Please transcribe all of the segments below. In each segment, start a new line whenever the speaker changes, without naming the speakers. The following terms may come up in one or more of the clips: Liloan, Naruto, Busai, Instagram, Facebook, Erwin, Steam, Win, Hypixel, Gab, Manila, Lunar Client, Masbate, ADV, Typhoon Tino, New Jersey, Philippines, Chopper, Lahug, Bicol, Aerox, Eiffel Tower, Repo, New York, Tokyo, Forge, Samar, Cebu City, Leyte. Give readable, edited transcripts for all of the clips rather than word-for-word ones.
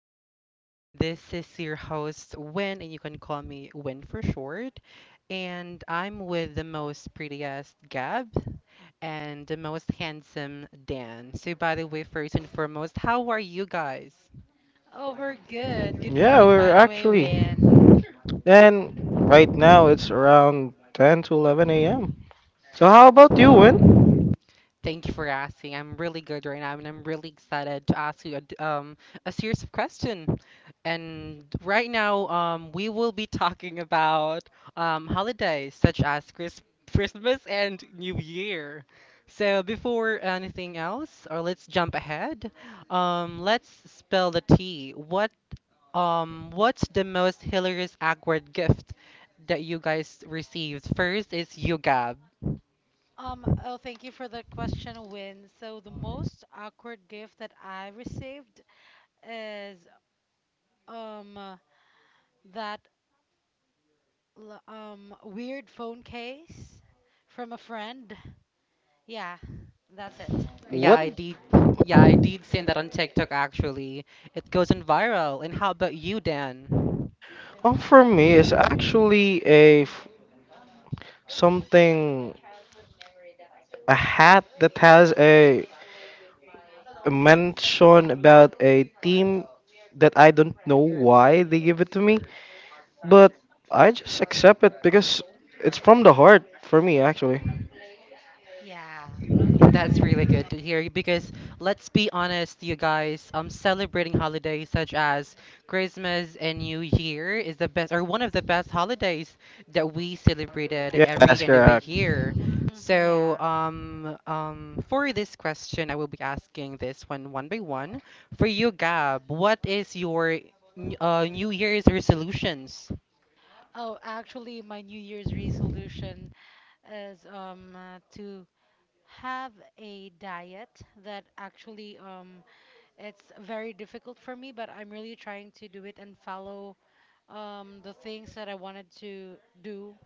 morning, everyone. This is your host, Win, and you can call me Win for short. And I'm with the most prettiest Gab and the most handsome Dan. So, by the way, first and foremost, how are you guys?
Oh, we're good. Good
Yeah,
morning,
we're
by the way,
actually.
Win.
And right now it's around 10 to 11 a.m. So how when?
Thank you for asking. I'm really good right now, and I'm really excited to ask you a series of questions. And right now, we will be talking about holidays such as Christmas and New Year. So before anything else, or let's jump ahead. Let's spell the T. What's the most hilarious awkward gift that you guys received? First is you, Gab.
Oh, thank you for the question, Win. So the most awkward gift that I received is um that weird phone case from a friend. Yeah, that's it.
Yeah,
What?
I did. Yeah, I did see that on TikTok actually. It goes on viral. And how about you, Dan?
Oh, for me, it's actually something, a hat that has a mention about a team that I don't know why they give it to me, but I just accept it because it's from the heart for me actually.
Yeah.
That's really good to hear because let's be honest, you guys, celebrating holidays such as Christmas and New Year is the best or one of the best holidays that we celebrated
Yeah,
every
that's
end of the
correct.
year. So,
Yeah.
um, um, for this question, I will be asking this one one by one. For you, Gab, what is your New Year's resolutions?
Oh, actually, my New Year's resolution is to have a diet that actually it's very difficult for me, but I'm really trying to do it and follow the things that I wanted to do,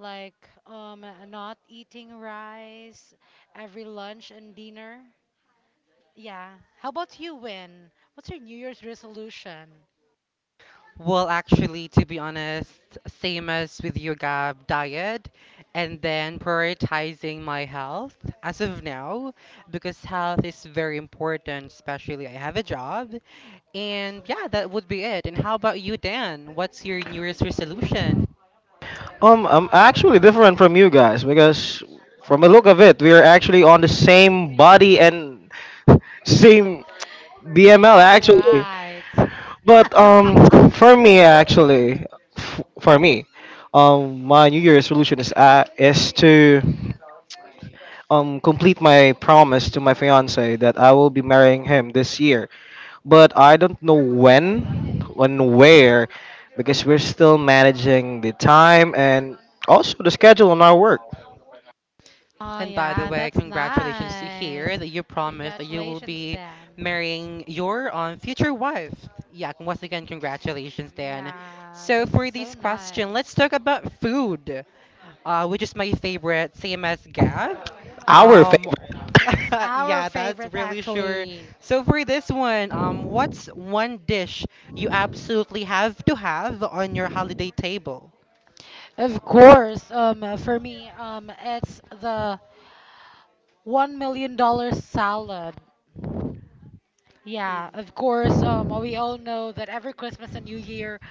like not eating rice every lunch and dinner. Yeah. How about you, Win? What's your New Year's resolution?
Well, actually, to be honest, same as with you, Gab, diet and then prioritizing my health as of now because health is very important, especially I have a job. And yeah, that would be it. And how about you, Dan? What's your New Year's resolution?
I'm actually different from you guys because from the look of it, we are actually on the same body and same BML actually.
Yeah, right.
But um, for me actually, f- for me, my New Year's resolution is to complete my promise to my fiance that I will be marrying him this year. But I don't know when, where, because we're still managing the time and also the schedule on our work.
Oh,
And by the
yeah,
way,
that's
congratulations to
nice.
hear that you promised that you will
Congratulations,
be
Dan.
marrying your future wife. Yeah, once again, congratulations, Dan.
Yeah,
So
that's
for
so
this question, let's
nice.
talk about food, which is my favorite, same as Gab.
Our
Um,
fa-
It's our
yeah, that's
favorite
really sure.
actually.
So for this one, what's one dish you absolutely have to have on your holiday table?
Of course, for me, it's the $1 million salad. Yeah, of course. Well, we all know that every Christmas and New Year,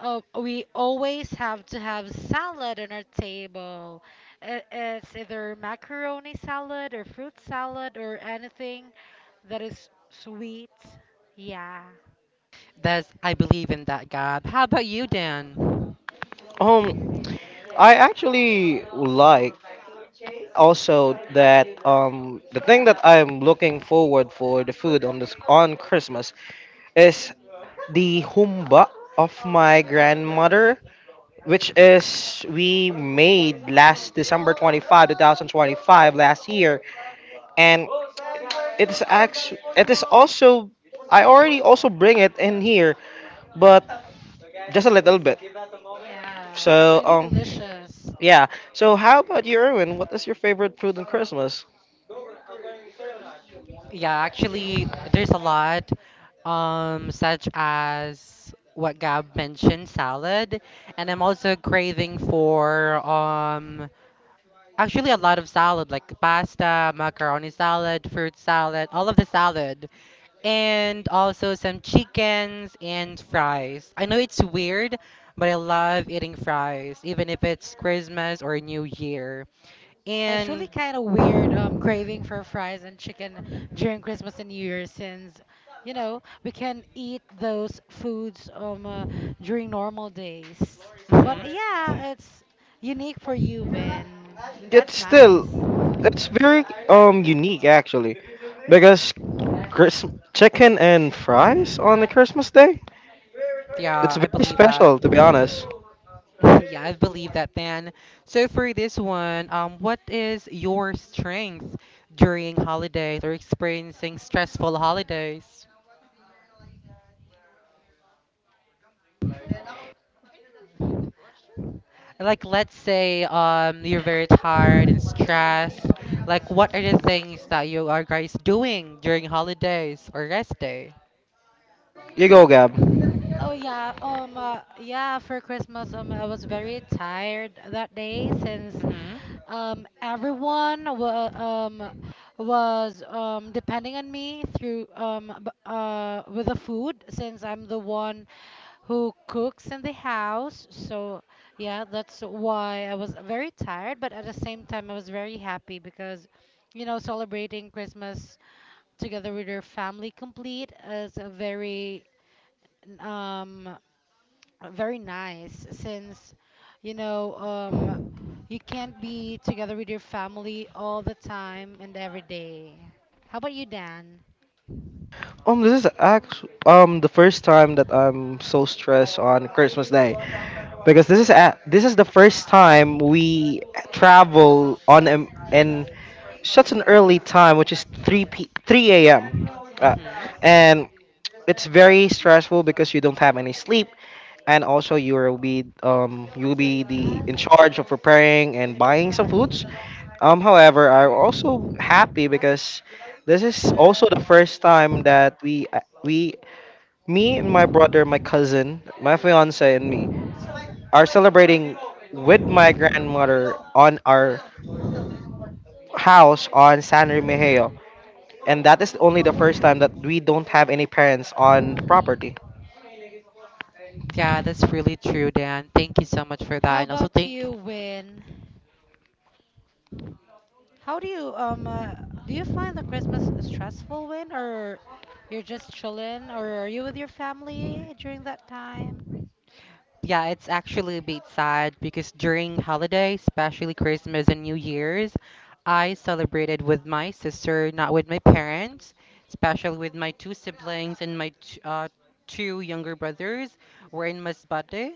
we always have to have salad on our table. It's either macaroni salad or fruit salad or anything that is sweet. Yeah.
That's I believe in that, Gab. How about you, Dan?
Um, I actually like also that the thing that I'm looking forward for the food on Christmas is the humba of my grandmother, which is we made last December 25th, two thousand 25, 2025 last year, and it's actually it is also I already also bring it in here, but just a little bit.
Yeah, it's
So
really delicious.
yeah. So how about you, Erwin? What is your favorite food on Christmas?
Yeah, actually, there's a lot, such as what Gab mentioned, salad, and I'm also craving for actually a lot of salad like pasta, macaroni salad, fruit salad, all of the salad, and also some chickens and fries. I know it's weird, but I love eating fries, even if it's Christmas or New Year.
It's really
And
kind of weird, craving for fries and chicken during Christmas and New Year since we can eat those foods during normal days. But
Mhm.
yeah, it's unique for you, Ben. And
Yet
that's
still,
nice.
it's very unique actually, because Christ- chicken and fries on the Christmas day.
Yeah,
It's
I
very
believe that.
special to be honest.
Yeah, I believe that then. So for this one, what is your strength during holidays or experiencing stressful holidays? Like, let's say you're very tired and stressed. Like, what are the things that you are guys doing during holidays or rest day?
You go, Gab.
Oh yeah, yeah. For Christmas, I was very tired that day since, everyone was, depending on me through, with the food since I'm the one who cooks in the house. So yeah, that's why I was very tired, but at the same time I was very happy because celebrating Christmas together with your family complete is a very, um, very nice since you know um you can't be together with your family all the time and every day. How about you, Dan?
This is act the first time that I'm so stressed on Christmas day, because this is this is the first time we travel on in such an early time, which is 3 a.m. Uh,
hmm
and
hmm
it's very stressful because you don't have any sleep, and also you will be the in charge of preparing and buying some foods. However, I'm also happy because this is also the first time that we me and my brother, my cousin, my fiance, and me are celebrating with my grandmother on our house on San Remigio. And that is only the first time that we don't have any parents on the property.
Yeah, that's really true, Dan. Thank you so much for
How
that. And also
about
thank
you, Win? How do you Do you find the Christmas stressful, Win, or you're just chilling, or are you with your family during that time?
yeah, it's actually a bit sad because during holidays, especially Christmas and New Year's, I celebrated with my sister, not with my parents, especially with my two siblings and my two younger brothers. We're in Masbate.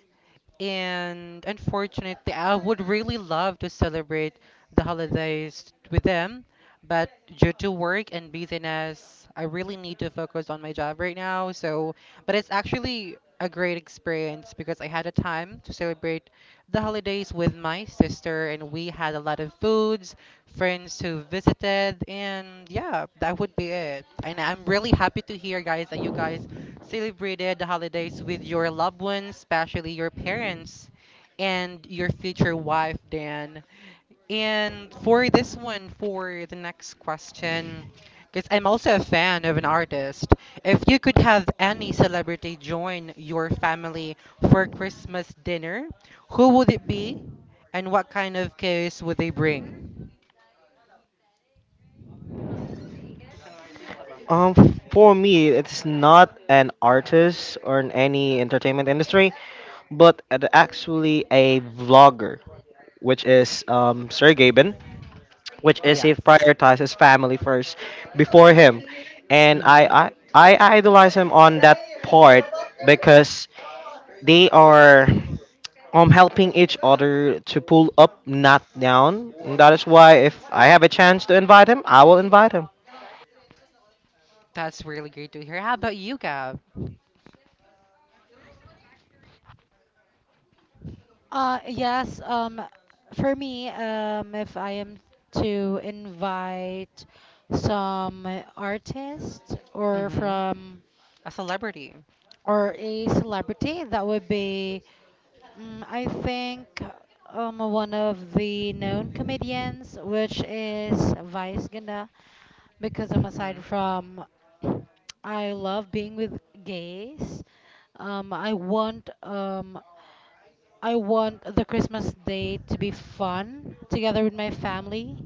And unfortunately, I would really love to celebrate the holidays with them, but due to work and busyness, I really need to focus on my job right now. So, but it's actually a great experience because I had a time to celebrate the holidays with my sister, and we had a lot of foods, friends who visited, and yeah, that would be it. And I'm really happy to hear, guys, that you guys celebrated the holidays with your loved ones, especially your parents and your future wife, Dan. And for this one, for the next question, because I'm also a fan of an artist, if you could have any celebrity join your family for Christmas dinner, who would it be and what kind of case would they bring?
Um, for me, it's not an artist or in any entertainment industry, but it actually a vlogger, which is Sir Gaben, which is he
Yes.
prioritizes family first before him, and I
Mm-hmm.
I, I idolize him on that part because they are helping each other to pull up, not down. And that is why if I have a chance to invite him, I will invite him.
That's really great to hear. How about you, Gab?
Yes, for me, if I am to invite some artist or
Mm-hmm.
from
A celebrity.
or a celebrity, that would be, I think, one of the known comedians, which is Vice Ganda, because I'm
Mhm.
aside from, I love being with gays. Um, I want um I want the Christmas day to be fun together with my family.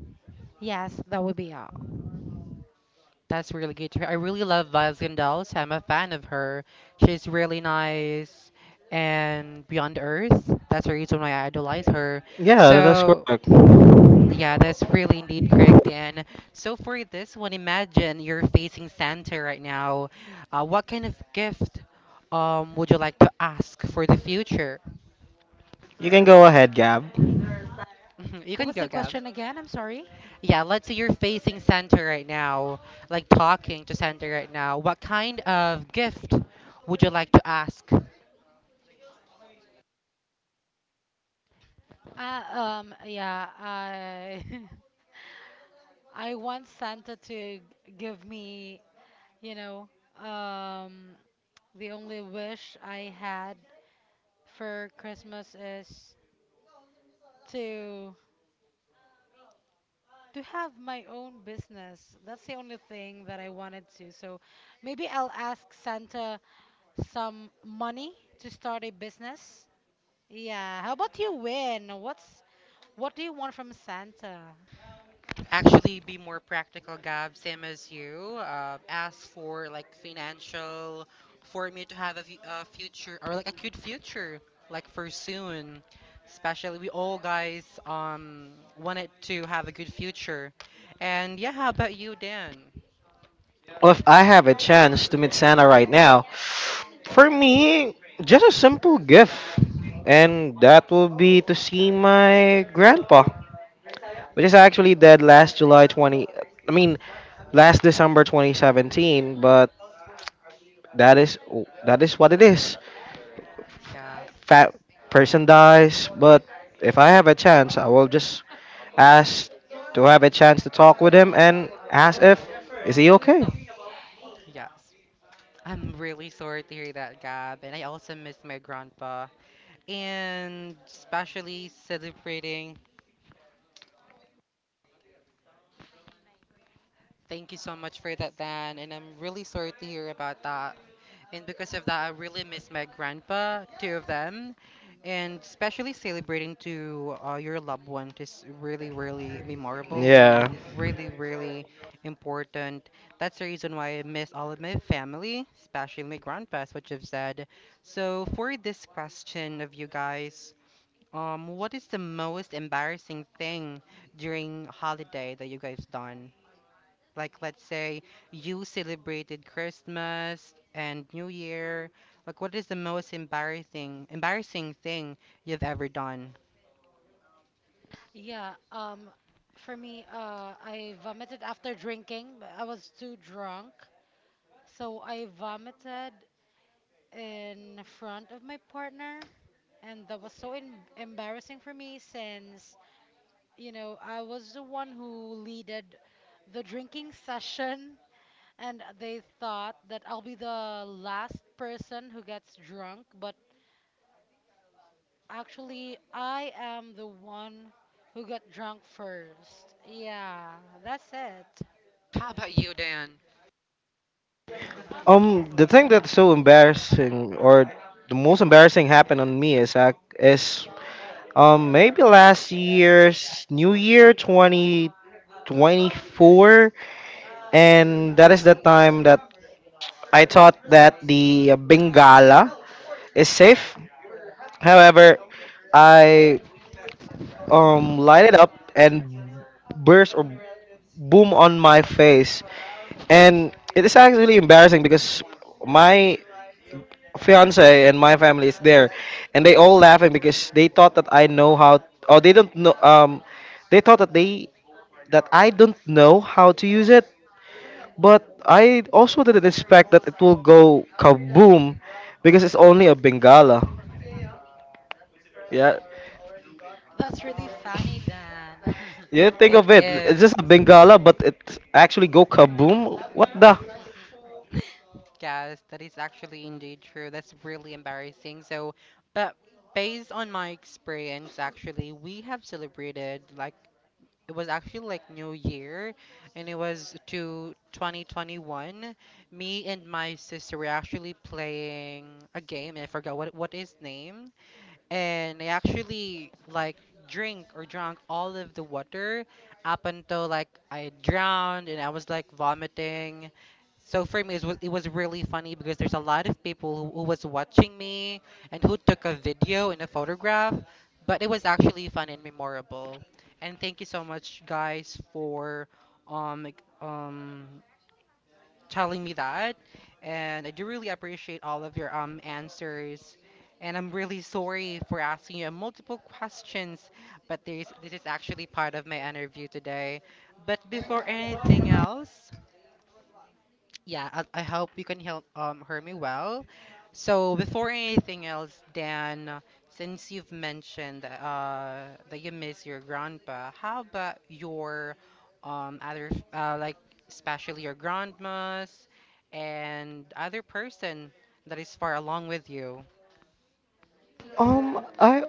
Yes, that would be all.
That's really good to hear. I really love Vascondelos. I'm a fan of her. She's really nice and beyond earth. That's the reason why I idolize her.
Yeah, that is
So,
correct.
yeah, that's really indeed correct. And so for this one, imagine you're facing Santa right now. What kind of gift would you like to ask for the future?
You can go ahead, Gab.
You
What
can
was
go,
the
Gab.
question again? I'm sorry.
Yeah, let's say you're facing Santa right now, like talking to Santa right now. What kind of gift would you like to ask?
Yeah, I I want Santa to give me, you know, um, the only wish I had for Christmas is to to have my own business. That's the only thing that I wanted to. So maybe I'll ask Santa some money to start a business. Yeah. How about you, Win? What do you want from Santa?
Actually, be more practical, Gab, same as you. Ask for like financial, for me to have a future or like a good future, like for soon. Especially, we all guys wanted to have a good future. And yeah, how about you, Dan?
If I have a chance to meet Santa right now, for me, just a simple gift. And that will be to see my grandpa, which is
Hmm
actually dead last July 20. I mean, last December 2017, but that is that is what it is.
Yeah,
Fat person dies, but if I have a chance, I will just ask to have a chance to talk with him and ask if is he okay.
yes. I'm really sorry to hear that, Gab, and I also miss my grandpa. And especially celebrating. Thank you so much for that, Dan, and I'm really sorry to hear about that. And because of that, I really miss my grandpa, two of them. And especially celebrating to your loved one is really, really memorable and
Yeah.
then really, really important. That's the reason why I miss all of my family, especially my grandpa, as what you've said. So for this question of you guys, what is the most embarrassing thing during holiday that you guys done? Like, let's say you celebrated Christmas and New Year. Like, what is the most embarrassing thing you've ever done?
Yeah, for me, I vomited after drinking. But I was too drunk, so I vomited in front of my partner, and that was so embarrassing for me since, I was the one who leaded the drinking session, and they thought that I'll be the last person who gets drunk, but actually, I am the one who got drunk first. Yeah, that's it.
How about you, Dan?
The thing that's so embarrassing, or the most embarrassing happened on me is maybe last year's New Year 2024, and that is the time that I thought that the Bengala is safe. However, I light it up and burst or boom on my face. And it is actually really embarrassing because my fiance and my family is there, and they all laughing because they thought that I know how. Or they don't know. They thought that I don't know how to use it. But I also didn't expect that it will go kaboom because it's only a Bengala. Yeah.
That's really funny, Dan.
Yeah, think of
It
it. It's
is.
just a Bengala, but it actually go kaboom. What the?
Yes, that is actually indeed true. That's really embarrassing. So, but based on my experience, actually, we have celebrated like it was actually like New Year and it was to 2021. Me and my sister were actually playing a game and I forgot what is name and I actually like drink or drank all of the water up until like I drowned and I was like vomiting. So for me, it was really funny because there's a lot of people who was watching me and who took a video and a photograph, but it was actually fun and memorable. And thank you so much, guys, for um like, um telling me that. And I do really appreciate all of your answers. And I'm really sorry for asking you multiple questions, but this is actually part of my interview today. But before anything else, yeah, I hope you can help hear me well. So before anything else, Dan, since you've mentioned that you miss your grandpa, how about your like especially your grandmas and other person that is far along with you?
Um, I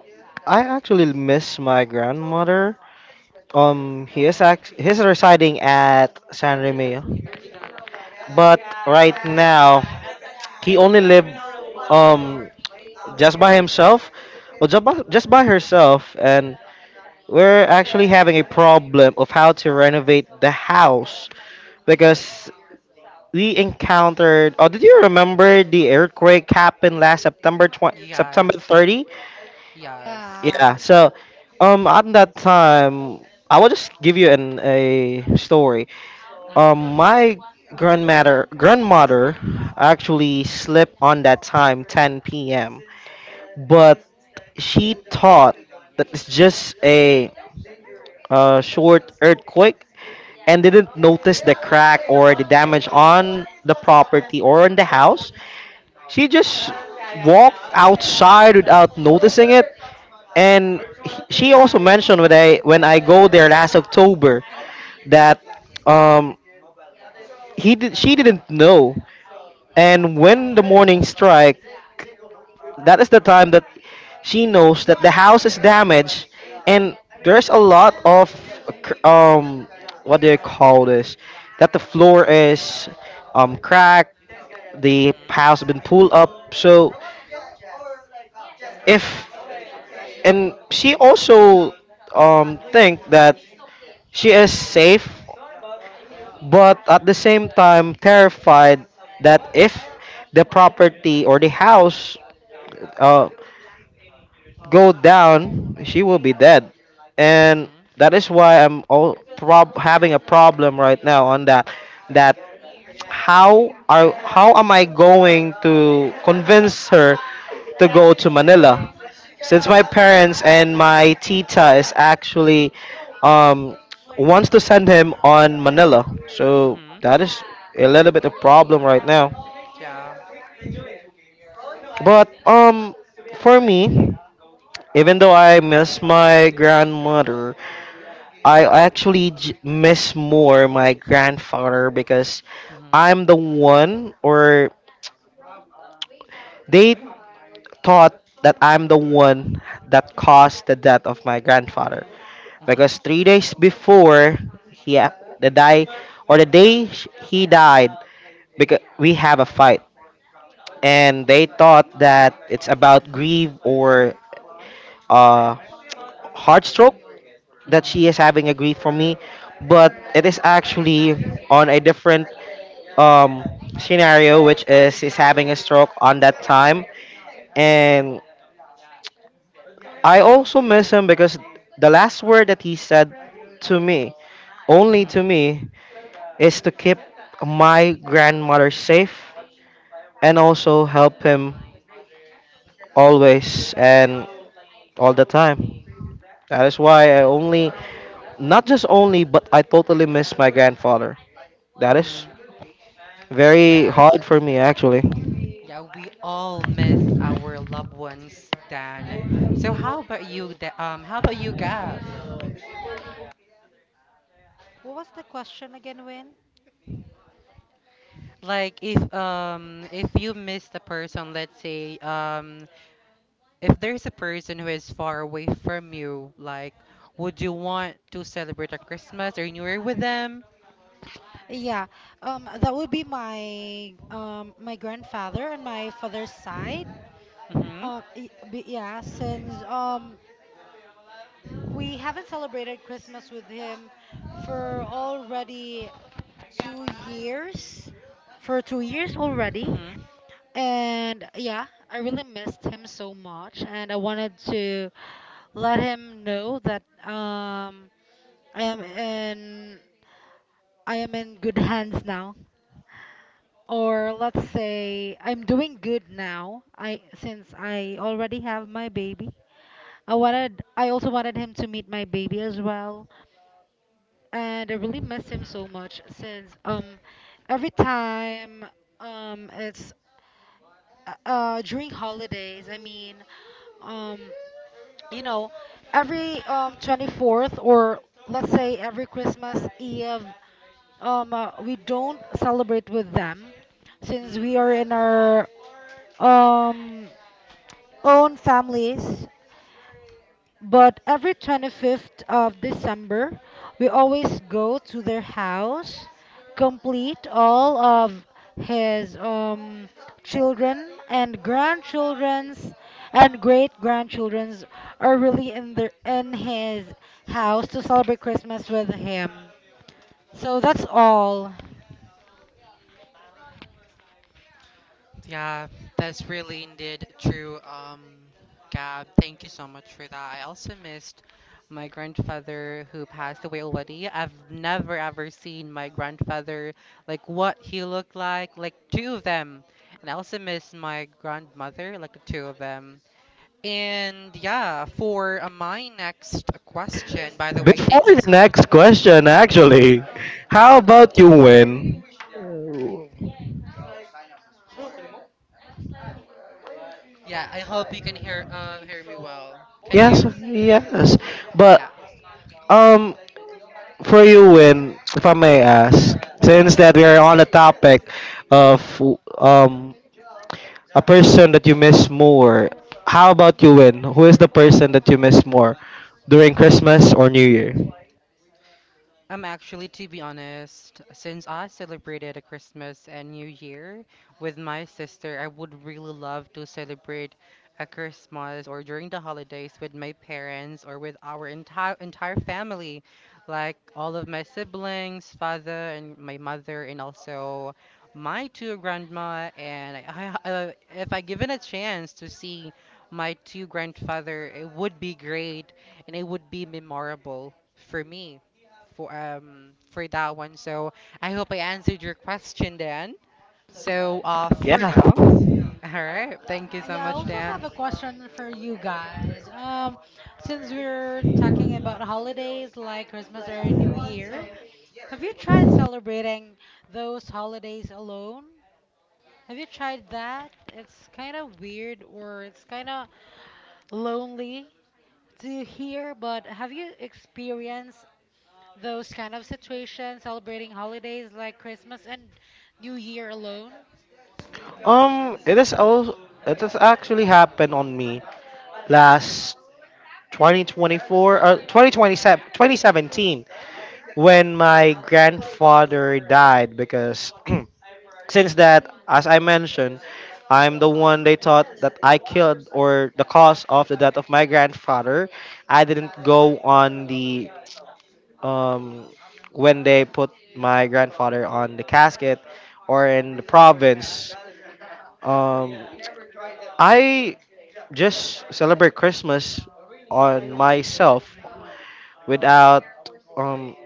I actually miss my grandmother. He is act he's residing at San Remo, but right now he only live um just by himself, well just by herself, and we're actually having a problem of how to renovate the house because we encountered. Oh, did you remember the earthquake happened last September
Yes,
30?
yes.
Yeah.
Yeah.
So, at that time, I will just give you an a story.
hmm
My grandmother actually slept on that time, 10 p.m. But she thought that it's just a short earthquake and didn't notice the crack or the damage on the property or on the house. She just walked outside without noticing it. And she also mentioned when I go there last October that um, he did, she didn't know. And when the morning strike, that is the time that she knows that the house is damaged, and there's a lot of cr- um what do you call this, that the floor is cracked, the
Mhm.
house been pulled up, so if, and she also think that she is safe, but at the same time terrified that if the property or the house uh, go down, she will be dead, and that is why I'm having a problem right now on that, how am I going to convince her to go to Manila? Since my parents and my tita is actually um, wants to send him on Manila,
Mhm.
so
Mhm.
that is a little bit of problem right now.
Yeah.
But for me, even though I miss my grandmother, I actually miss more my grandfather because
hmm
I'm the one, or they thought that I'm the one that caused the death of my grandfather,
hmm
because 3 days before he a- the die he died, because we have a fight and they thought that it's about grief or uh, heart stroke, that she
hmm
is having a grief for me, but it is actually on a different um, scenario, which is having a stroke on that time, and I also miss him because the last word that he said to me, only to
hmm
me, is to keep my grandmother safe and also help him always and all the time. That is why I only, not just only, but I totally miss my grandfather. That
hmm
is very hard
Yes.
for me actually.
Yeah, we all miss our loved ones, Dan. So how about you, how about you, Gab?
What was the question again, Win?
Like if you miss a person, let's say if there's a person who is far away from you, like would you want to celebrate a Christmas or New Year with them?
Yeah, that would be my my grandfather and my father's side.
Mhm.
Yeah, since we haven't celebrated Christmas with him for already 2 years, for 2 years already,
Mhm.
and yeah, I really missed him so much, and I wanted to let him know that I am in I am in good hands now. Or let's say I'm doing good now. I since I already have my baby. I also wanted him to meet my baby as well. And I really miss
Mhm.
him so much since every time, it's, during holidays, I mean, um you know every 24th, or let's say every Christmas Eve, we don't celebrate with them since we
Mhm.
are in our, um, own families. But every 25th of December, we always go to their house, complete all of his, children and grandchildren's and great grandchildren's are really in his house to celebrate Christmas with him. So that's all.
Yeah, that's really indeed true. Gab, thank you so much for that. I also missed my grandfather who passed away already. I've never ever seen my grandfather, like what he looked like two of them. And I also miss my grandmother, like the two of them. And yeah, for my next question, by the way,
Before
thank you
the
so much.
next question, actually, how about you, Win?
Yeah, I hope you can hear hear me well. Can
Yes,
you?
yes. But
Yeah.
um, for you, Win, if I may ask, since that we are on the topic of um a person that you miss more, how about you, Win? Who is the person that you miss more during Christmas or New Year?
Actually, to be honest, since I celebrated a Christmas and New Year with my sister, I would really love to celebrate a Christmas or during the holidays with my parents or with our entire family, like all of my siblings, father and my mother, and also my two grandma. And if I given a chance to see my two grandfather, it would be great and it would be memorable for me for that one. So I hope I answered your question, Dan. So for
Yeah.
now, all right. Thank you so
Yeah, I
much,
also have
Dan.
a question for you guys. Since we're talking about holidays like Christmas or New Year, have you tried celebrating those holidays alone? Have you tried that? It's kind of weird, or it's kind of lonely to hear, but have you experienced those kind of situations celebrating holidays like Christmas and New Year alone?
It is also it has actually happened on me last 2024 or 2027 2017 when my grandfather died because since that, as I mentioned, I'm the one they thought that I killed, or the cause of the death of my grandfather. I didn't go on the um when they put my grandfather on the casket or in the province. Um, I just celebrate Christmas on myself without um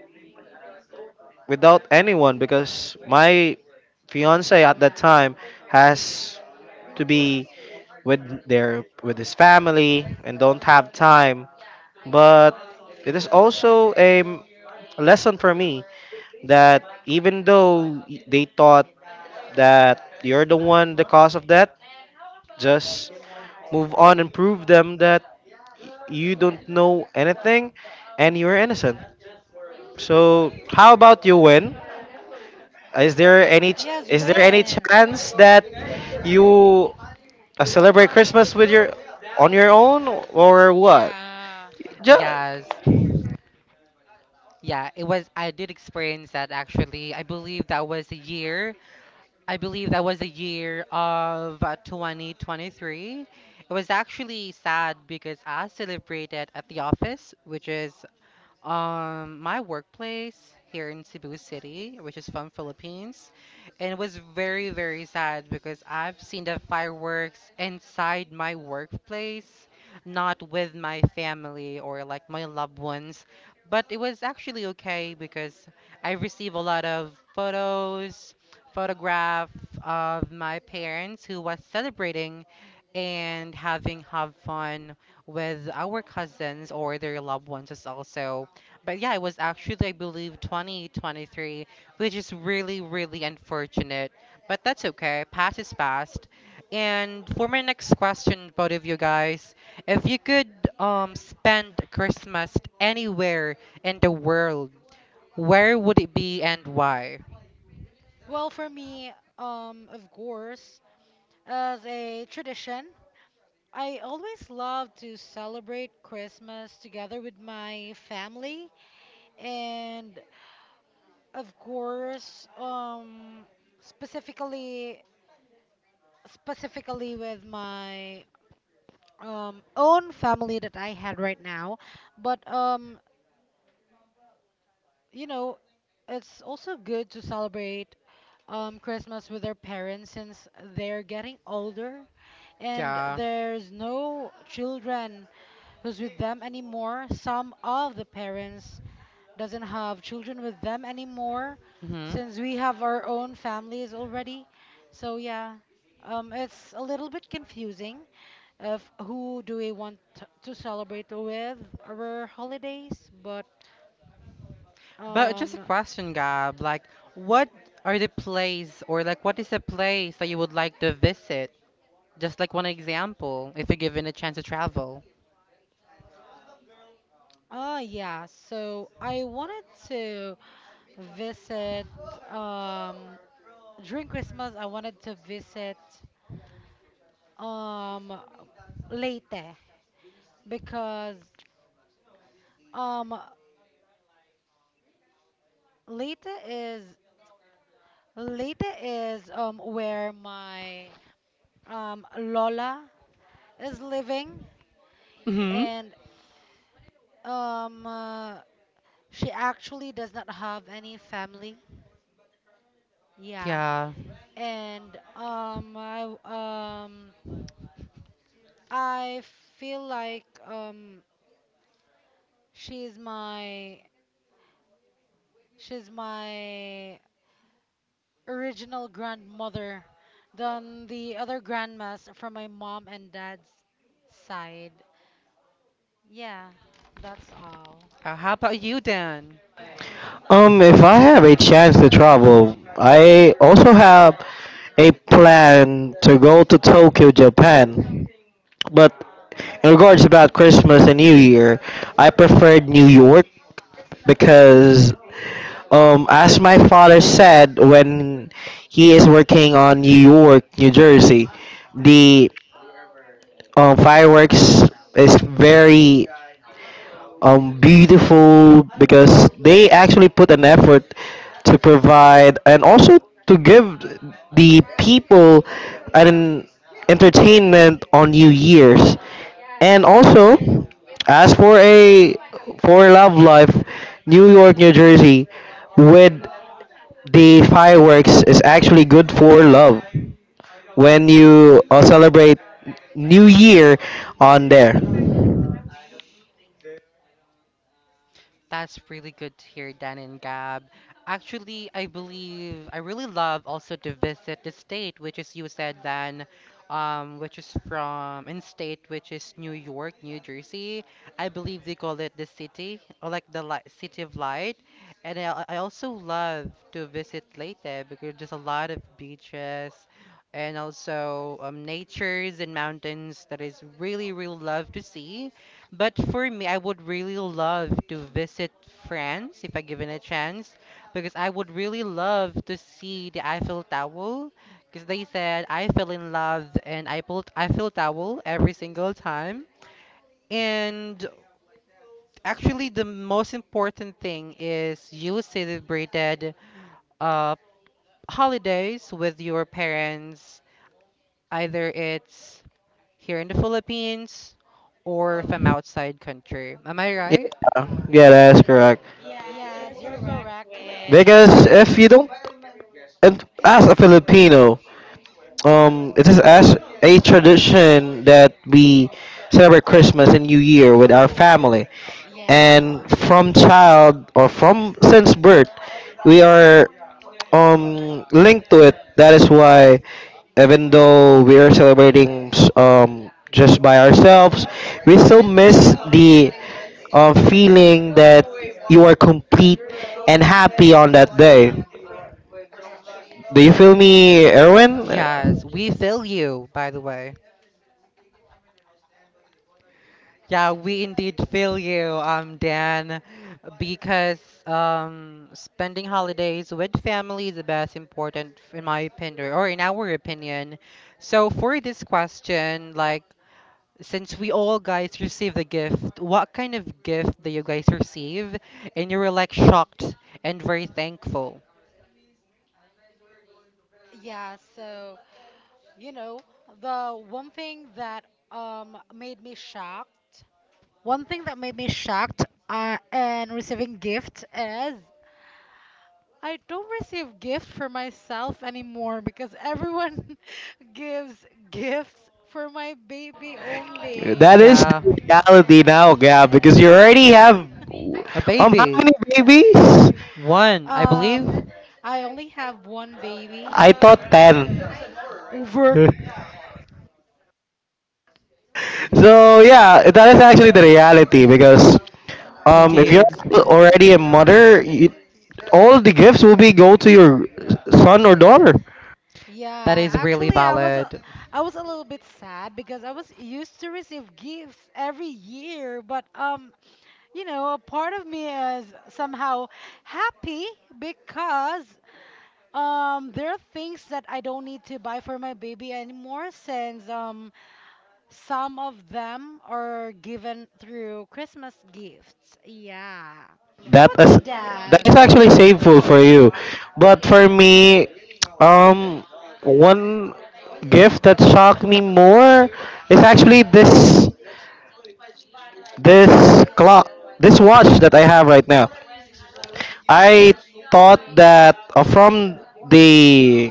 without anyone because my fiance at that time has to be with with his family and don't have time. But it is also a lesson for me that even though they thought that you're the one, the cause of that, just move on and prove them that you don't know anything and you're innocent. So how about you, Win? Is there any ch-
Yes,
is there any
when?
chance that you celebrate Christmas with your on your own, or what?
Yeah.
Yes. Yeah, it was I did experience that actually. I believe that was a year of 2023. It was actually sad because I celebrated at the office, which is my workplace here in Cebu City, which is from Philippines, and it was very sad because I've seen the fireworks inside my workplace, not with my family or like my loved ones, but it was actually okay because I received a lot of photos, photograph of my parents who was celebrating and having have fun with our cousins or their loved ones as also. But yeah, it was actually, I believe, 2023, which is really, really unfortunate. But that's okay. Past is past. And for my next question, both of you guys, if you could spend Christmas anywhere in the world, where would it be and why?
Well, for me, of course, as a tradition, I always love to celebrate Christmas together with my family, and of course, specifically, specifically with my, own family that I had right now. But you know, it's also good to celebrate, Christmas with their parents since they're getting older and
Yeah.
there's no children who's with them anymore. Some of the parents doesn't have children with them anymore since we have our own families already. So yeah, it's a little bit confusing of who do we want to celebrate with our holidays, but.
But just a
um,
question, Gab, like what are the place or like what is the place that you would like to visit? Just like one example, if you're given a chance to travel.
Oh, yeah. So I wanted to visit, um during Christmas, I wanted to visit um Leyte because um Leyte is Leyte is where my Lola is living,
Hmm
and um uh, she actually does not have any family. Yeah.
Yeah.
And um I feel like, she's my she's my original grandmother than the other grandmas from my mom and dad's side. Yeah, that's all.
How about you, Dan?
If I have a chance to travel, I also have a plan to go to Tokyo, Japan. But in regards about Christmas and New Year, I preferred New York
Hmm.
because, as my father said, when he is working on New York, New Jersey, the fireworks is very beautiful because they actually put an effort to provide and also to give the people an entertainment on New Year's. And also, as for love life, New York, New Jersey, with the fireworks is actually good for love when you celebrate New Year on there.
That's really good to hear, Dan and Gab. Actually, I believe I really love also to visit the state, which is you said, Dan, which is from in state, which is New York, New Jersey. I believe they call it the city or like the li city of light. And I also love to visit Leyte because there's a lot of beaches and also natures and mountains that is really, really love to see. But for me, I would really love to visit France if I given a chance, because I would really love to see the Eiffel Tower, because they said I fell in love and I pulled Eiffel Tower every single time. And actually, the most important thing is you celebrated uh, holidays with your parents, either it's here in the Philippines or from outside country. Am I right?
Yeah, yeah, that's correct.
Yes, you're correct when
Because if you don't, and as a Filipino, it is as a tradition that we celebrate Christmas and New Year with our family.
yeah.
And from child or from since birth, we are linked to it. That is why, even though we are celebrating just by ourselves, we still miss the feeling that you are complete and happy on that day. Do you feel me, Erwin?
Yes, we feel you, by the way. Yeah, we indeed feel you, Dan, because spending holidays with family is the best important, in my opinion, or in our opinion. So for this question, like, since we all guys received a gift, what kind of gift do you guys receive? And you were like shocked and very thankful.
Yeah, so You know, the one thing that made me shocked, one thing that made me shocked and receiving gift is I don't receive gift for myself anymore because everyone gives gifts for my baby
That
only.
is
Yeah,
the reality now, Gab, because you already have.
a
How
baby.
many babies?
One, I
Um,
believe.
I only have one baby
I thought 10.
over.
So, yeah, that is actually the reality because if you're
Indeed.
already a mother, all the gifts will be go to your son or daughter.
That
Yeah,
is really
actually, I was a,
valid.
I was a little bit sad because I was used to receive gifts every year, but you know, a part of me is somehow happy because, there are things that I don't need to buy for my baby anymore since, some of them are given through Christmas gifts. Yeah. How
That
about you,
is that is
Dan?
actually shameful for you. But for me, um one gift that shocked me more is actually this clock this watch that I have right now. I thought that from the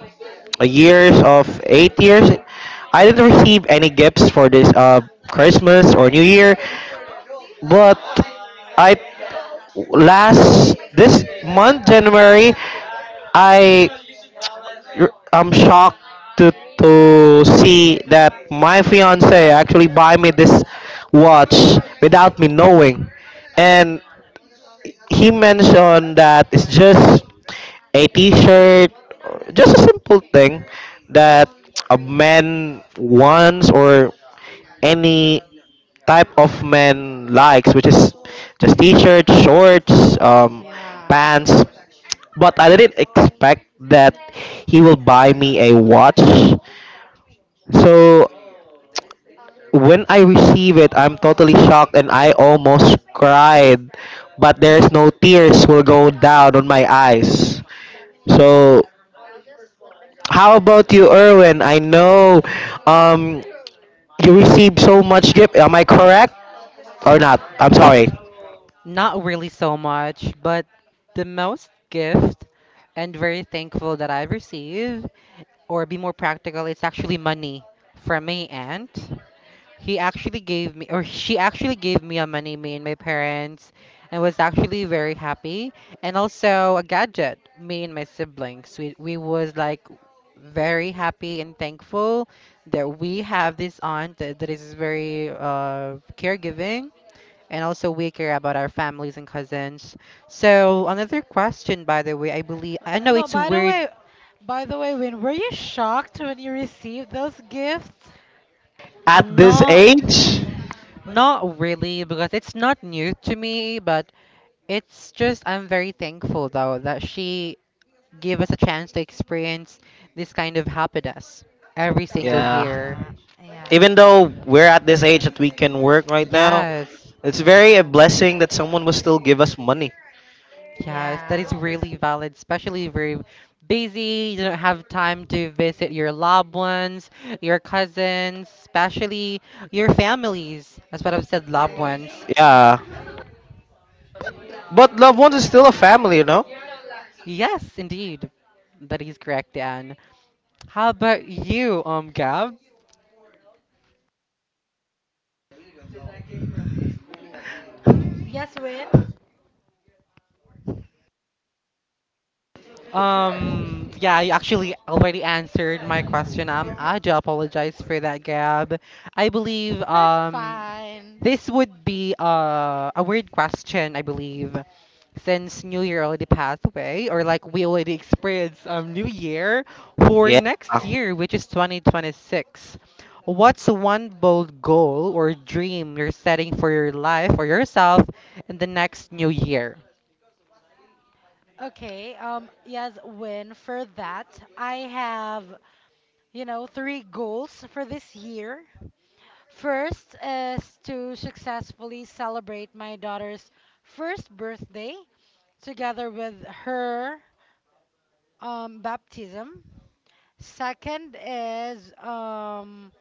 years of 8 years, I didn't receive any gifts for this, Christmas or New Year, but I last this month, January, I am shocked to to see that my fiance actually buy me this watch without me knowing, and he mentioned that it's just a T-shirt, just a simple thing that a man wants or any type of man likes, which is just T-shirts, shorts,
Yeah.
pants. But I didn't expect that he will buy me a watch. So when I receive it, I'm totally shocked and I almost cried. But there's no tears will go down on my eyes. So how about you, Erwin? I know um, you received so much gift. Am I correct or not? I'm sorry.
Not really so much, but the most gift and very thankful that I've received, or be more practical, it's actually money from my aunt. He actually gave me, or she actually gave me a money, me and my parents, and was actually very happy. And also a gadget, me and my siblings. We was like very happy and thankful that we have this aunt that, is very caregiving and also we care about our families and cousins. So another question, by the way, I believe I know
No,
it's
by the
weird.
way, Win, were you shocked when you received those gifts?
At this
not
age?
Not really because it's not new to me, but it's just I'm very thankful though that she gave us a chance to experience this kind of happiness every single
Yeah,
year.
Yeah,
even
yeah,
though we're at this age that we can work right now,
Yes.
it's very a
yeah,
blessing that someone will still give us money.
Yes, that is
yeah.
really valid, especially if you're busy, you don't have time to visit your loved ones, your cousins, especially your families. That's what I've said, loved ones.
Yeah. But loved ones is still a family, you know?
Yes, indeed. That is correct, Dan. How about you, Gab?
Yes, Win?
Yeah, you actually already answered my question. I do apologize for that, Gab. I believe
No, it's fine.
this would be a weird question, I believe, since New Year already passed away, or like we already experienced New Year for
Yeah.
next year, which is 2026. What's one bold goal or dream you're setting for your life or yourself in the next new year?
Okay, yes, Win, for that, I have, three goals for this year. First is to successfully celebrate my daughter's first birthday together with her, baptism. Second is,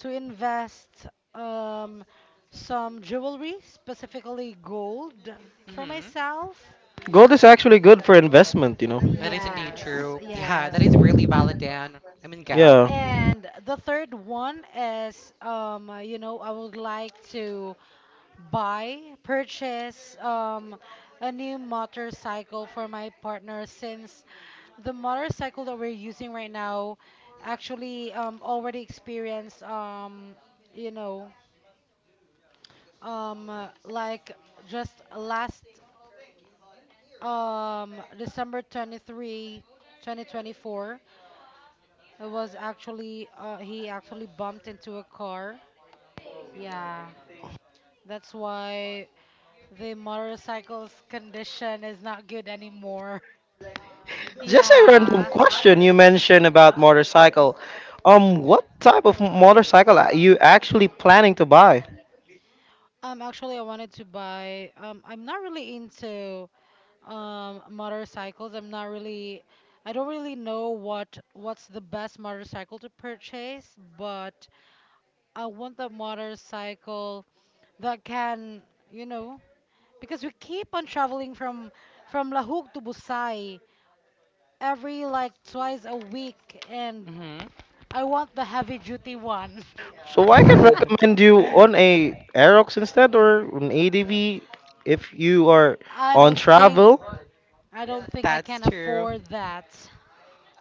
to invest, um, some jewelry, specifically gold, for myself.
Gold is actually good for investment, you know?
That is indeed
Yes,
true. Yeah, that
yes.
is really valid, Dan. I mean, Gab.
Yeah.
And the third one is, I would like to buy, purchase, a new motorcycle for my partner since the motorcycle that we're using right now actually, already experienced, you know, like, just last, December 23, 2024, it was actually, he actually bumped into a car. Yeah, that's why the motorcycle's condition is not good anymore.
Just a random
Yeah.
question you mentioned about motorcycle. What type of motorcycle are you actually planning to buy?
Actually, I wanted to buy. I'm not really into motorcycles. I'm not really. I don't really know what's the best motorcycle to purchase, but I want the motorcycle that can, you know, because we keep on traveling from Lahug to Busai every like twice a week, and
Hmm.
I want the heavy duty one.
So I can recommend you on a Aerox instead or an ADV if you are
I
on
don't think
travel.
I don't think I
That's
can
true.
afford that.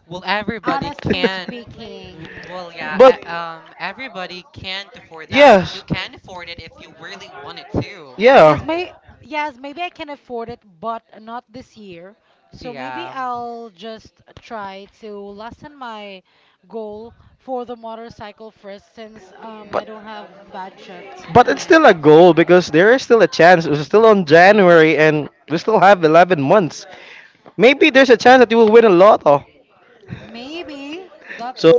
Well, everybody
Honestly
can.
speaking.
Well, yeah,
But
everybody can't afford that, but you
yes.
can afford it if you really wanted to.
Yeah.
Yes, maybe I can afford it, but not this year. So maybe
Yeah.
I'll just try to lessen my goal for the motorcycle first since I
but
don't have budget
but it's
yet.
still a goal because there is still a chance. We're still on
Mm-hmm.
January and we still have 11 months. Maybe there's a chance that you will win a lotto.
Maybe that's
So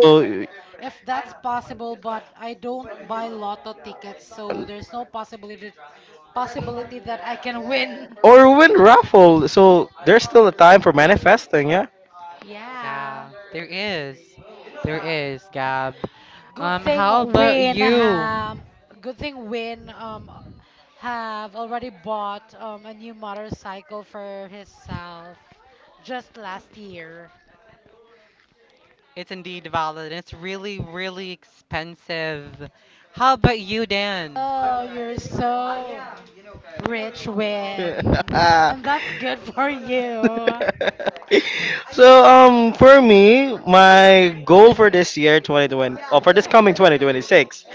if that's possible, but I don't buy lotto tickets, so there's no possibility that I can win.
or win raffle. So there's still a time for manifesting, yeah.
Yeah.
Yeah, there is. There is, Gab.
Good thing
How about
Win
you?
um good thing Win have already bought a new motorcycle for himself just last year.
It's indeed valid. It's really, really expensive. How about you, Dan?
Oh, you're so rich, Win. And that's good for you.
So for me, my goal for this year 2020, for this coming 2026,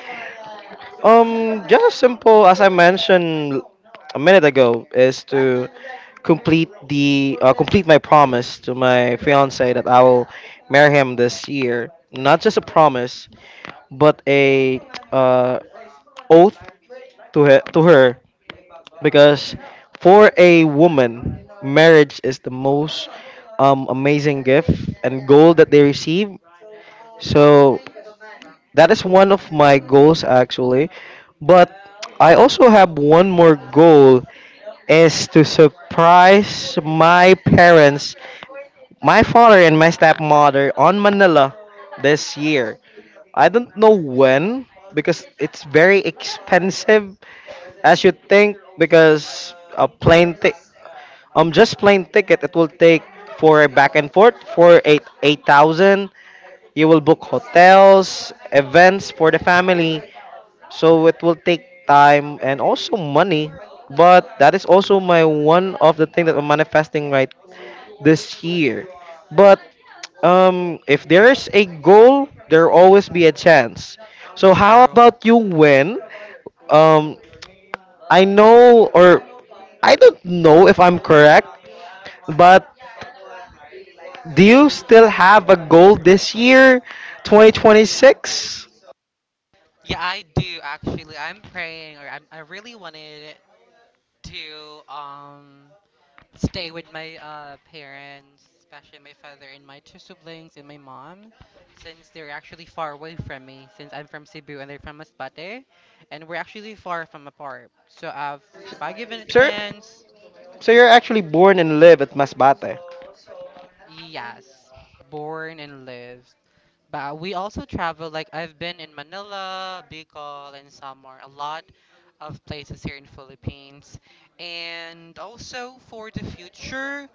Just as simple as I mentioned a minute ago, is to complete my promise to my fiance that I will marry him this year. Not just a promise, but a uh, oath to her, because for a woman, marriage is the most amazing gift and goal that they receive. So that is one of my goals, actually. But I also have one more goal, is to surprise my parents, my father and my stepmother on Manila this year. I don't know when, because it's very expensive as you think, because a plane ticket, just plane ticket, it will take for a back and forth for eight eight thousand. You will book hotels, events for the family, so it will take time and also money. But that is also my one of the thing that I'm manifesting right this year. But if there is a goal, there will always be a chance. So how
True.
about you, Win? Um, I know, or I don't know if I'm correct, but do you still have a goal this year, 2026?
Yeah, I do actually. I'm praying, or I really wanted to stay with my parents, especially my father and my two siblings and my mom, since they're actually far away from me. Since I'm from Cebu and they're from Masbate, and we're actually far from apart. So if I given a
Sir,
chance,
so you're actually born and live at Masbate.
yes, born and live. But we also travel, like I've been in Manila, Bicol, and Samar, a lot of places here in Philippines. And also for the future,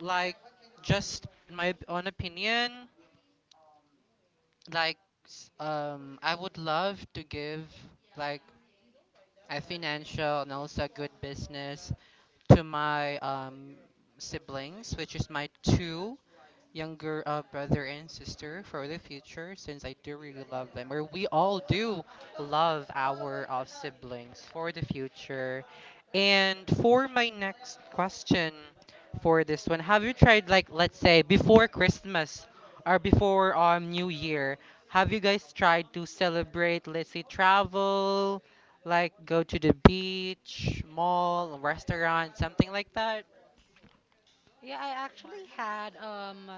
like just in my own opinion, like I would love to give like a financial and also a good business to my siblings, which is my two younger brother and sister for the future, since I do really love them, or we all do love our siblings for the future. And for my next question for this one, have you tried like let's say before Christmas or before New Year? Have you guys tried to celebrate, let's say travel, like go to the beach, mall, restaurant, something like that.
Yeah, I actually had,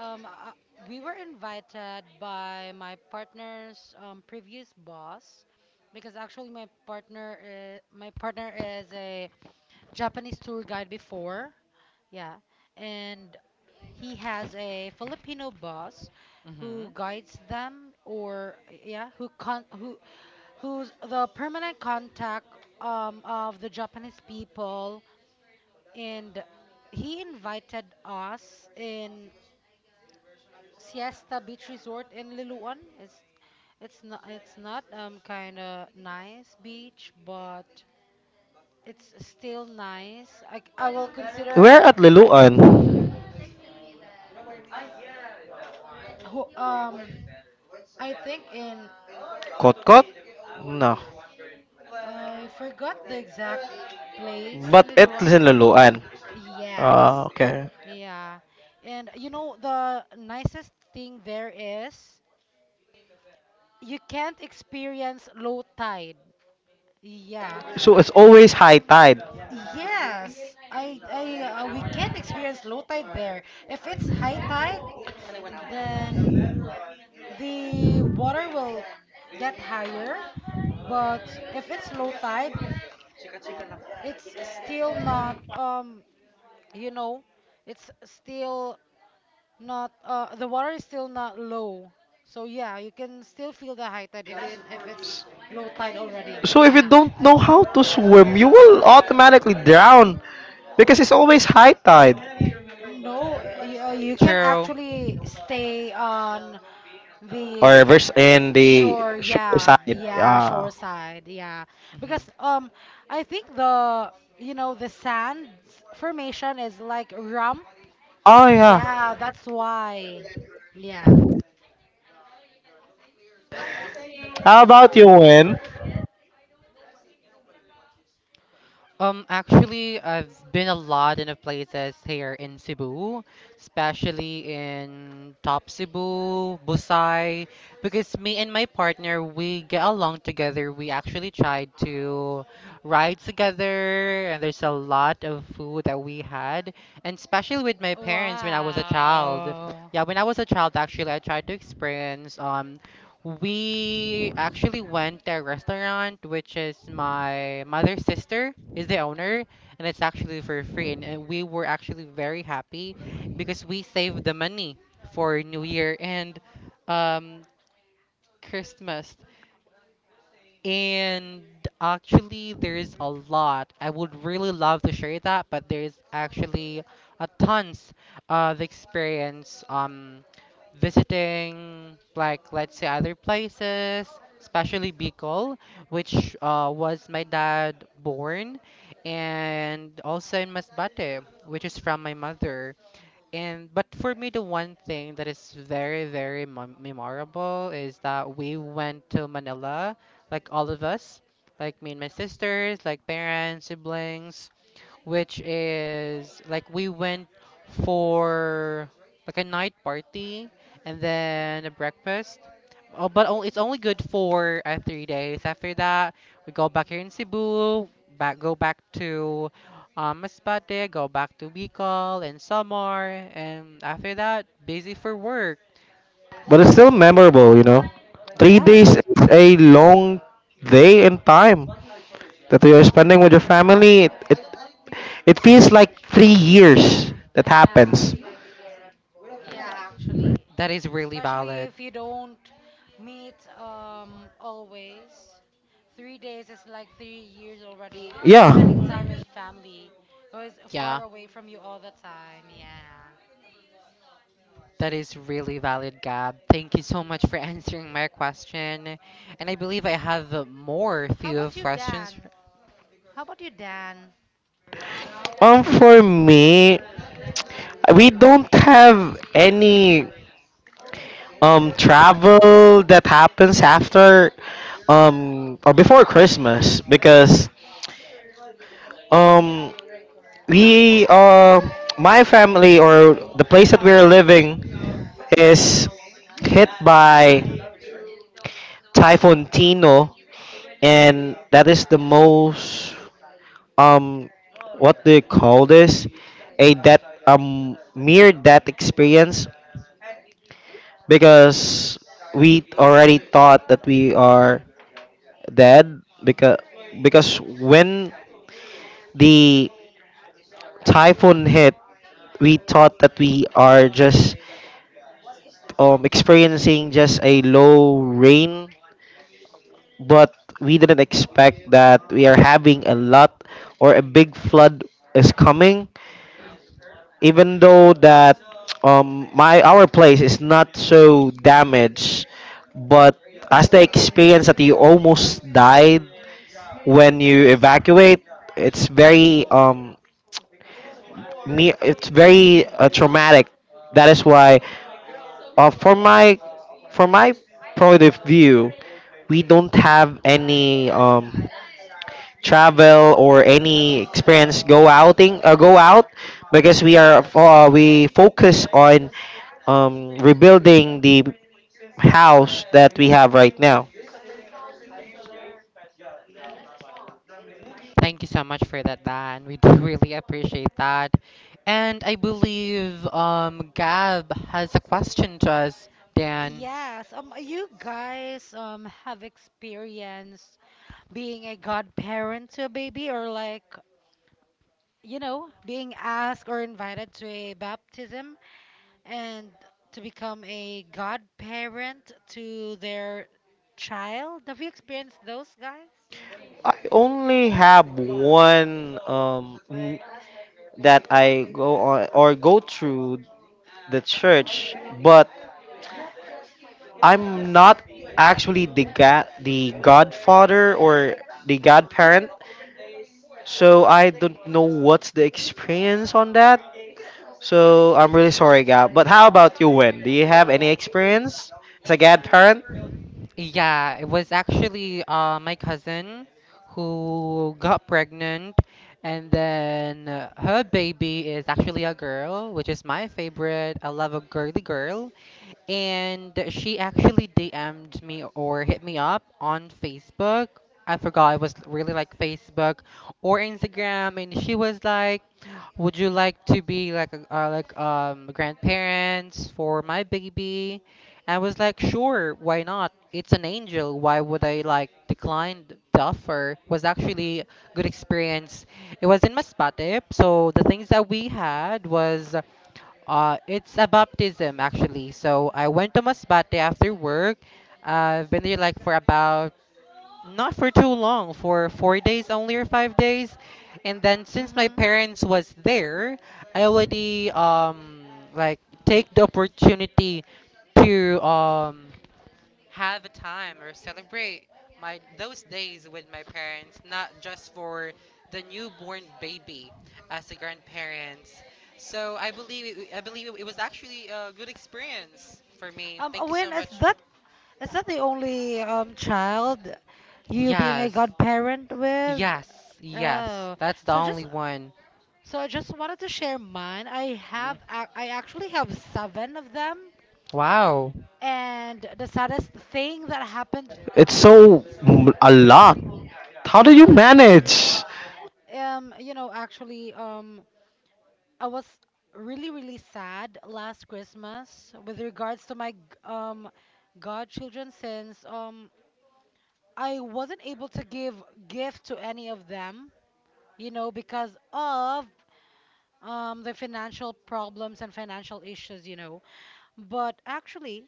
Um, uh, we were invited by my partner's, previous boss because actually my partner is a Japanese tour guide before. Yeah, and he has a Filipino boss who
Mhm.
guides them or yeah, who con who who's the permanent contact, of the Japanese people, and he invited us in Siesta Beach Resort in Liloan. It's not kind of nice beach, but it's still nice. I will consider
Where at Liloan?
who I think in
Kotkot? No.
I forgot the exact place in
But it's
Liloan.
in Liloan. Ah,
Yes.
okay.
Yeah. And you know the nicest thing there is you can't experience low tide. Yeah.
So it's always high tide.
Yes, we can't experience low tide there. If it's high tide, then the water will get higher. But if it's low tide, it's still not, um, you know, it's still not, the water is still not low. So yeah, you can still feel the high tide even if it's low tide already.
So if you
Yeah.
don't know how to swim, you will automatically drown because it's always high tide.
No, you, you can
True.
actually stay on
Or
the
reverse in the
shore,
shore side.
yeah, yeah,
Yeah.
shore side, yeah.
Mhm.
Because I think the you know the sand formation is like rump.
Oh
Yeah,
yeah.
that's why. Yeah.
How about you, Win?
Actually, I've been a lot in of places here in Cebu, especially in Top Cebu, Busai, because me and my partner, we get along together. We actually tried to ride together, and there's a lot of food that we had, and especially with my parents when I was a child.
Wow.
Yeah, when I was a child, actually, I tried to experience we actually went to a restaurant, which is my mother's sister is the owner, and it's actually for free. And we were actually very happy because we saved the money for New Year and um, Christmas. And actually, there's a lot. I would really love to share that, but there's actually a tons of experience visiting like let's say other places, especially Bicol, which was my dad born, and also in Masbate, which is from my mother. And but for me, the one thing that is very, very memorable is that we went to Manila, like all of us, like me and my sisters, like parents, siblings, which is like we went for like a night party and then a breakfast. Oh, but it's only good for 3 days. After that, we go back here in Cebu, back go back to Masbate, go back to Bicol and Samar, and after that, busy for work.
But it's still memorable. 3 days
Yes,
is a long day in time, that you're spending with your family. It feels like 3 years that happens.
Yeah, actually.
that is really
Especially
valid.
if you don't meet always. 3 days is like 3 years already,
Yeah.
spending time with family who is far
Yeah,
away from you all the time. Yeah.
that is really valid, Gab. Thank you so much for answering my question. And I believe I have more
How
few
about
of
you,
questions.
Dan? How about you, Dan?
For me, we don't have any travel that happens after or before Christmas, because um we my family, or the place that we're living, is hit by Typhoon Tino, and that is the most, um what do you call this, a that mere, that experience, because we already thought that we are dead, because when the typhoon hit, we thought that we are just experiencing just a low rain, but we didn't expect that we are having a lot, or a big flood is coming, even though that my our place is not so damaged, but as the experience that you almost died when you evacuate, it's very traumatic. That is why, uh, for my for my point of view, we don't have any travel or any experience, go out, because we focus on, rebuilding the house that we have right now.
Thank you so much for that, Dan. We do really appreciate that. And I believe Gab has a question to us, Dan.
Yes, you guys have experienced being a godparent to a baby or like, you know, being asked or invited to a baptism and to become a godparent to their child. Have you experienced those, guys?
I only have one that I go on or go through the church, but I'm not actually the godfather or the godparent, so I don't know what's the experience on that. So I'm really sorry, Gab. But how about you, Wen? Do you have any experience as a godparent?
Yeah, it was actually my cousin who got pregnant, and then her baby is actually a girl, which is my favorite. I love a girly girl. And she actually DM'd me or hit me up on Facebook. I forgot it was really like Facebook or Instagram, and she was like, "Would you like to be like a, like grandparents for my baby?" I was like, sure, why not? It's an angel. Why would I like decline the offer? Was actually a good experience. It was in Masbate, so the things that we had was it's a baptism actually. So I went to Masbate after work. I've been there like for about not for too long for 4 days only or 5 days, and then since my
Mm-hmm.
parents was there, I already like take the opportunity to have a time or celebrate my those days with my parents not just for the newborn baby as a grandparents. So I believe it was actually a good experience for me. Thank you so
When is
much.
that? Is that the only child you being a
Yes.
godparent with?
Yes, yes.
Oh,
That's the
so
only
just
one.
so I just wanted to share mine.
Mm.
I actually have seven of them,
Wow.
and the saddest thing that happened,
It's a lot. How do you manage?
um, you know, actually, um, I was really really sad last Christmas with regards to my um godchildren since I wasn't able to give gift to any of them, you know, because of the financial problems and financial issues, you know. But actually,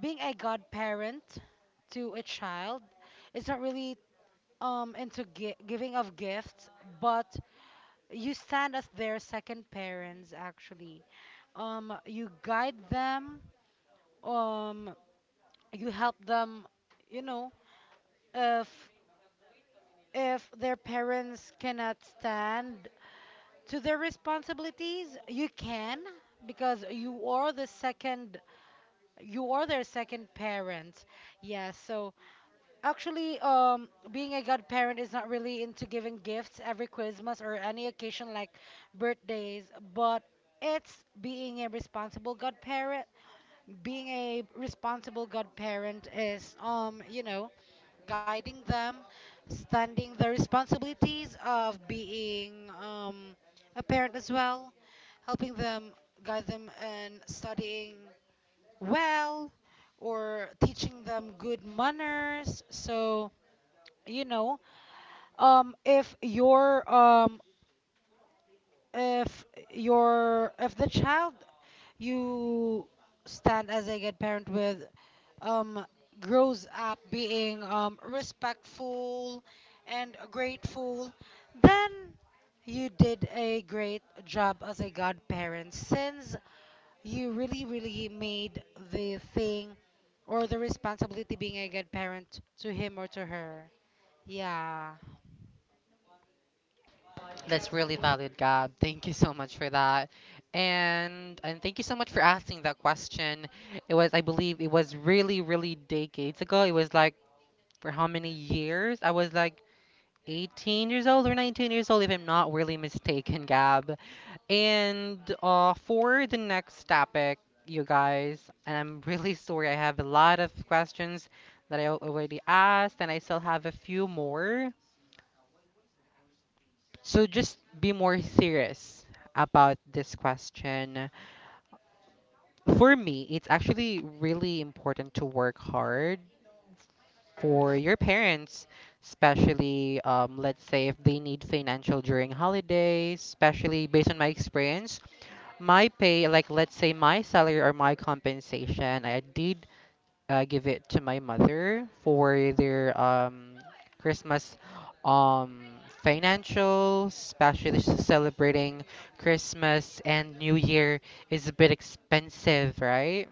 being a godparent to a child is not really into giving of gifts, but you stand as their second parents, actually. You guide them, um, you help them, you know, if their parents cannot stand to their responsibilities, you can, because you are the second you are their second parent. Yeah. So actually, being a godparent is not really into giving gifts every Christmas or any occasion like birthdays, but it's being a responsible godparent. Being a responsible godparent is, you know, guiding them, standing the responsibilities of being a parent as well, helping them, guide them in studying well, or teaching them good manners. So you know, if your if your if the child you stand as a good parent with, um grows up being respectful and grateful, then you did a great job as a godparent, since you really really made the thing or the responsibility being a good parent to him or to her. yeah
That's really valid, Gab. Thank you so much for that. And thank you so much for asking that question. It was I believe it was really, really decades ago. It was like for how many years? I was like 18 years old or 19 years old, if I'm not really mistaken, Gab. And for the next topic, you guys, and I'm really sorry, I have a lot of questions that I already asked, and I still have a few more. So just be more serious about this question. For me, it's actually really important to work hard for your parents, especially let's say if they need financial during holidays, especially based on my experience, my pay, like let's say my salary or my compensation, I did give it to my mother for their Christmas um, financial, especially celebrating Christmas and New Year is a bit expensive, right?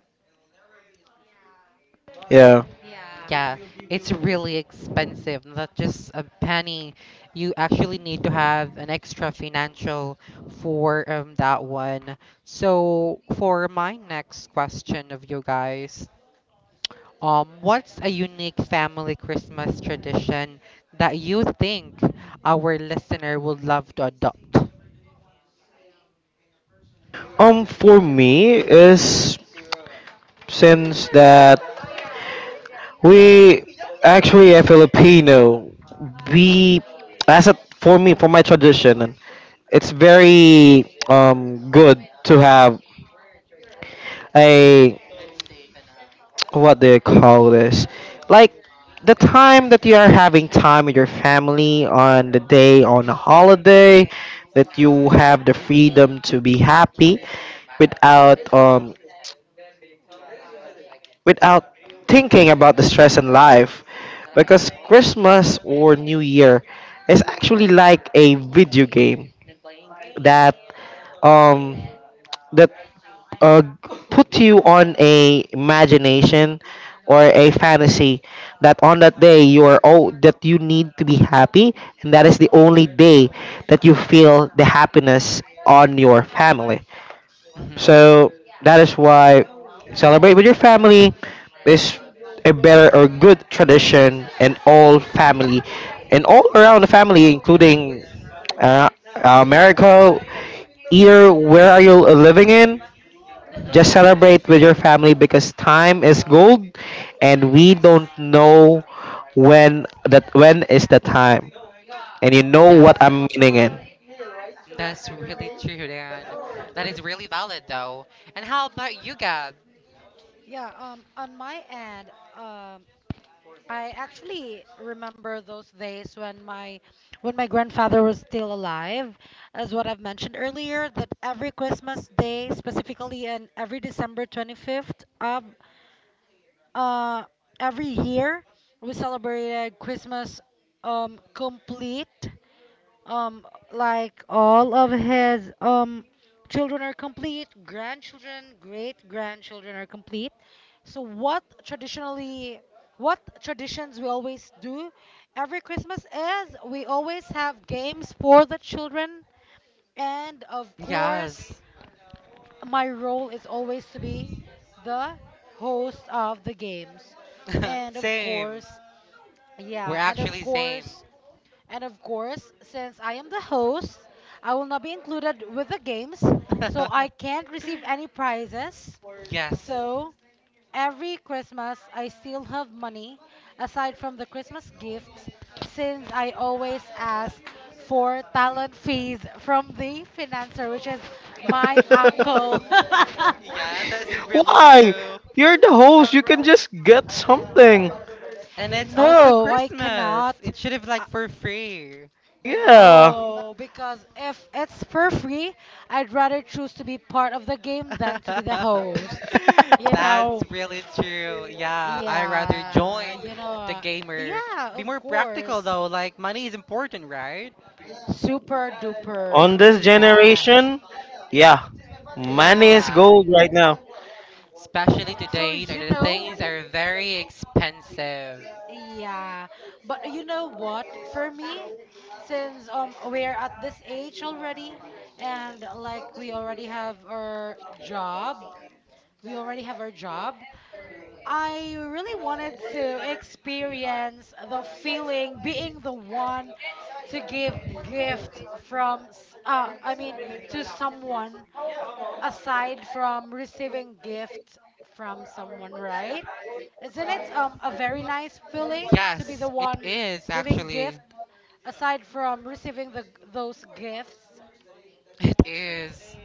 Yeah.
yeah
Yeah, it's really expensive. Not just a penny. You actually need to have an extra financial for that one. So, for my next question of you guys, what's a unique family Christmas tradition that you think our listener would love to adopt?
For me is, since that we actually a Filipino, we as a, for me, for my tradition, it's very good to have a, what do you call this? Like the time that you are having time with your family on the day, on a holiday, that you have the freedom to be happy without um without thinking about the stress in life. Because Christmas or New Year is actually like a video game that um that uh, put you on a imagination or a fantasy, that on that day you are oh that you need to be happy, and that is the only day that you feel the happiness on your family.
Mm-hmm.
So that is why celebrate with your family is a better or good tradition in all family and all around the family, including, uh, America, either where are you living in. Just
Mm-hmm.
celebrate with your family, because time is gold and we
Yes.
don't know when that when is the time. And you know what
Yes.
I'm meaning in.
That's really true, Dan. That is really valid, though. And how about you, Gab?
yeah. On my end, um I actually remember those days when my grandfather was still alive. As what I've mentioned earlier, that every Christmas day, specifically, and every December 25th of uh, every year, we celebrated Christmas complete. Um, like all of his children are complete, grandchildren, great grandchildren are complete. So what traditionally what traditions we always do every Christmas is we always have games for the children, and of course
Yes.
my role is always to be the host of the games. And of
Same.
course,
We're
yeah, and of
actually same.
course, since I am the host, I will not be included with the games, so I can't receive any prizes.
Yes.
So, every Christmas, I still have money aside from the Christmas gifts, since I always ask for talent fees from the financer, which is my uncle.
Yeah, that's really
Why?
true.
You're the host. You can just get something.
And it's also
No, I
Christmas.
cannot.
It should have
Uh,
like for free.
Yeah.
no, because if it's for free, I'd rather choose to be part of the game than to be the host. You
That's
know,
really true. Yeah, I rather
yeah,
join
you know,
the
uh,
gamer.
yeah,
Be
of
more practical
course.
though, like money is important, right?
Super duper.
On this
Yeah.
generation, yeah, money is
Yeah.
Yeah.
gold
yeah.
right now.
Especially
So,
today's are
you
the
know,
things are very expensive.
yeah. But you know what? For me, since we're at this age already, and like we already have our job, we already have our job. I really wanted to experience the feeling being the one to give gift I mean to someone, aside from receiving gift from someone, right? Isn't it a very nice feeling to be the
Yes, it
one
is
giving
actually.
gift aside from receiving the those gifts?
It is.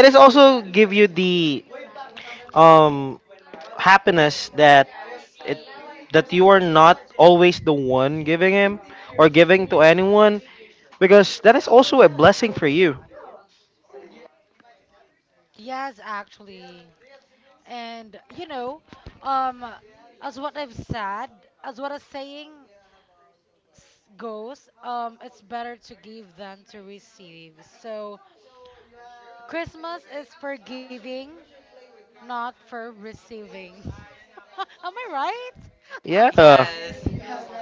It is also give you the um happiness, it that you are not always the one giving him or giving to anyone, because that is also a blessing for you.
Yes, actually. And you know, um, as what I've said, as what a saying goes, it's better to give than to receive. So Christmas is for giving, not for receiving. Am I right?
Yeah.
Yes,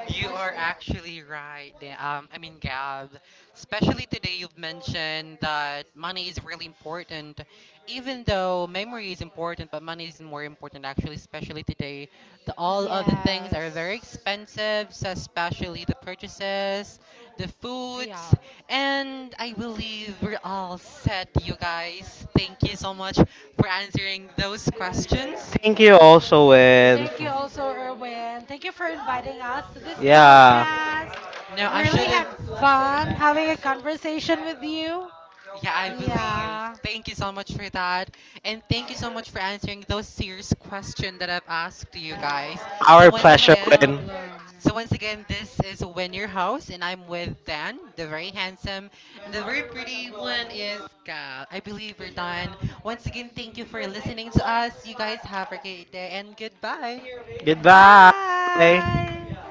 you are actually right. I mean, Gab, especially today you've mentioned that money is really important, even though memory is important, but money is more important actually, especially today. The, all of the things are very
Yes.
expensive, so especially the purchases, the foods,
Yeah.
and I believe we're all set, you guys. Thank you so much for answering those questions.
Thank you also, and
Thank you also, Erwin. Thank you for inviting us to this
yeah,
podcast.
No, I
Really
should have.
had fun having a conversation with you.
Yeah, I believe.
Yeah.
Thank you so much for that. And thank you so much for answering those serious questions that I've asked you guys. So
our
Yeah,
once
no
pleasure,
again,
and
problem.
this is Win Your House, and I'm with Dan, the very handsome, and the very pretty one is Gal. I believe we're done. Once again, thank you for listening to us. You guys have a great day, and goodbye.
goodbye.
Bye.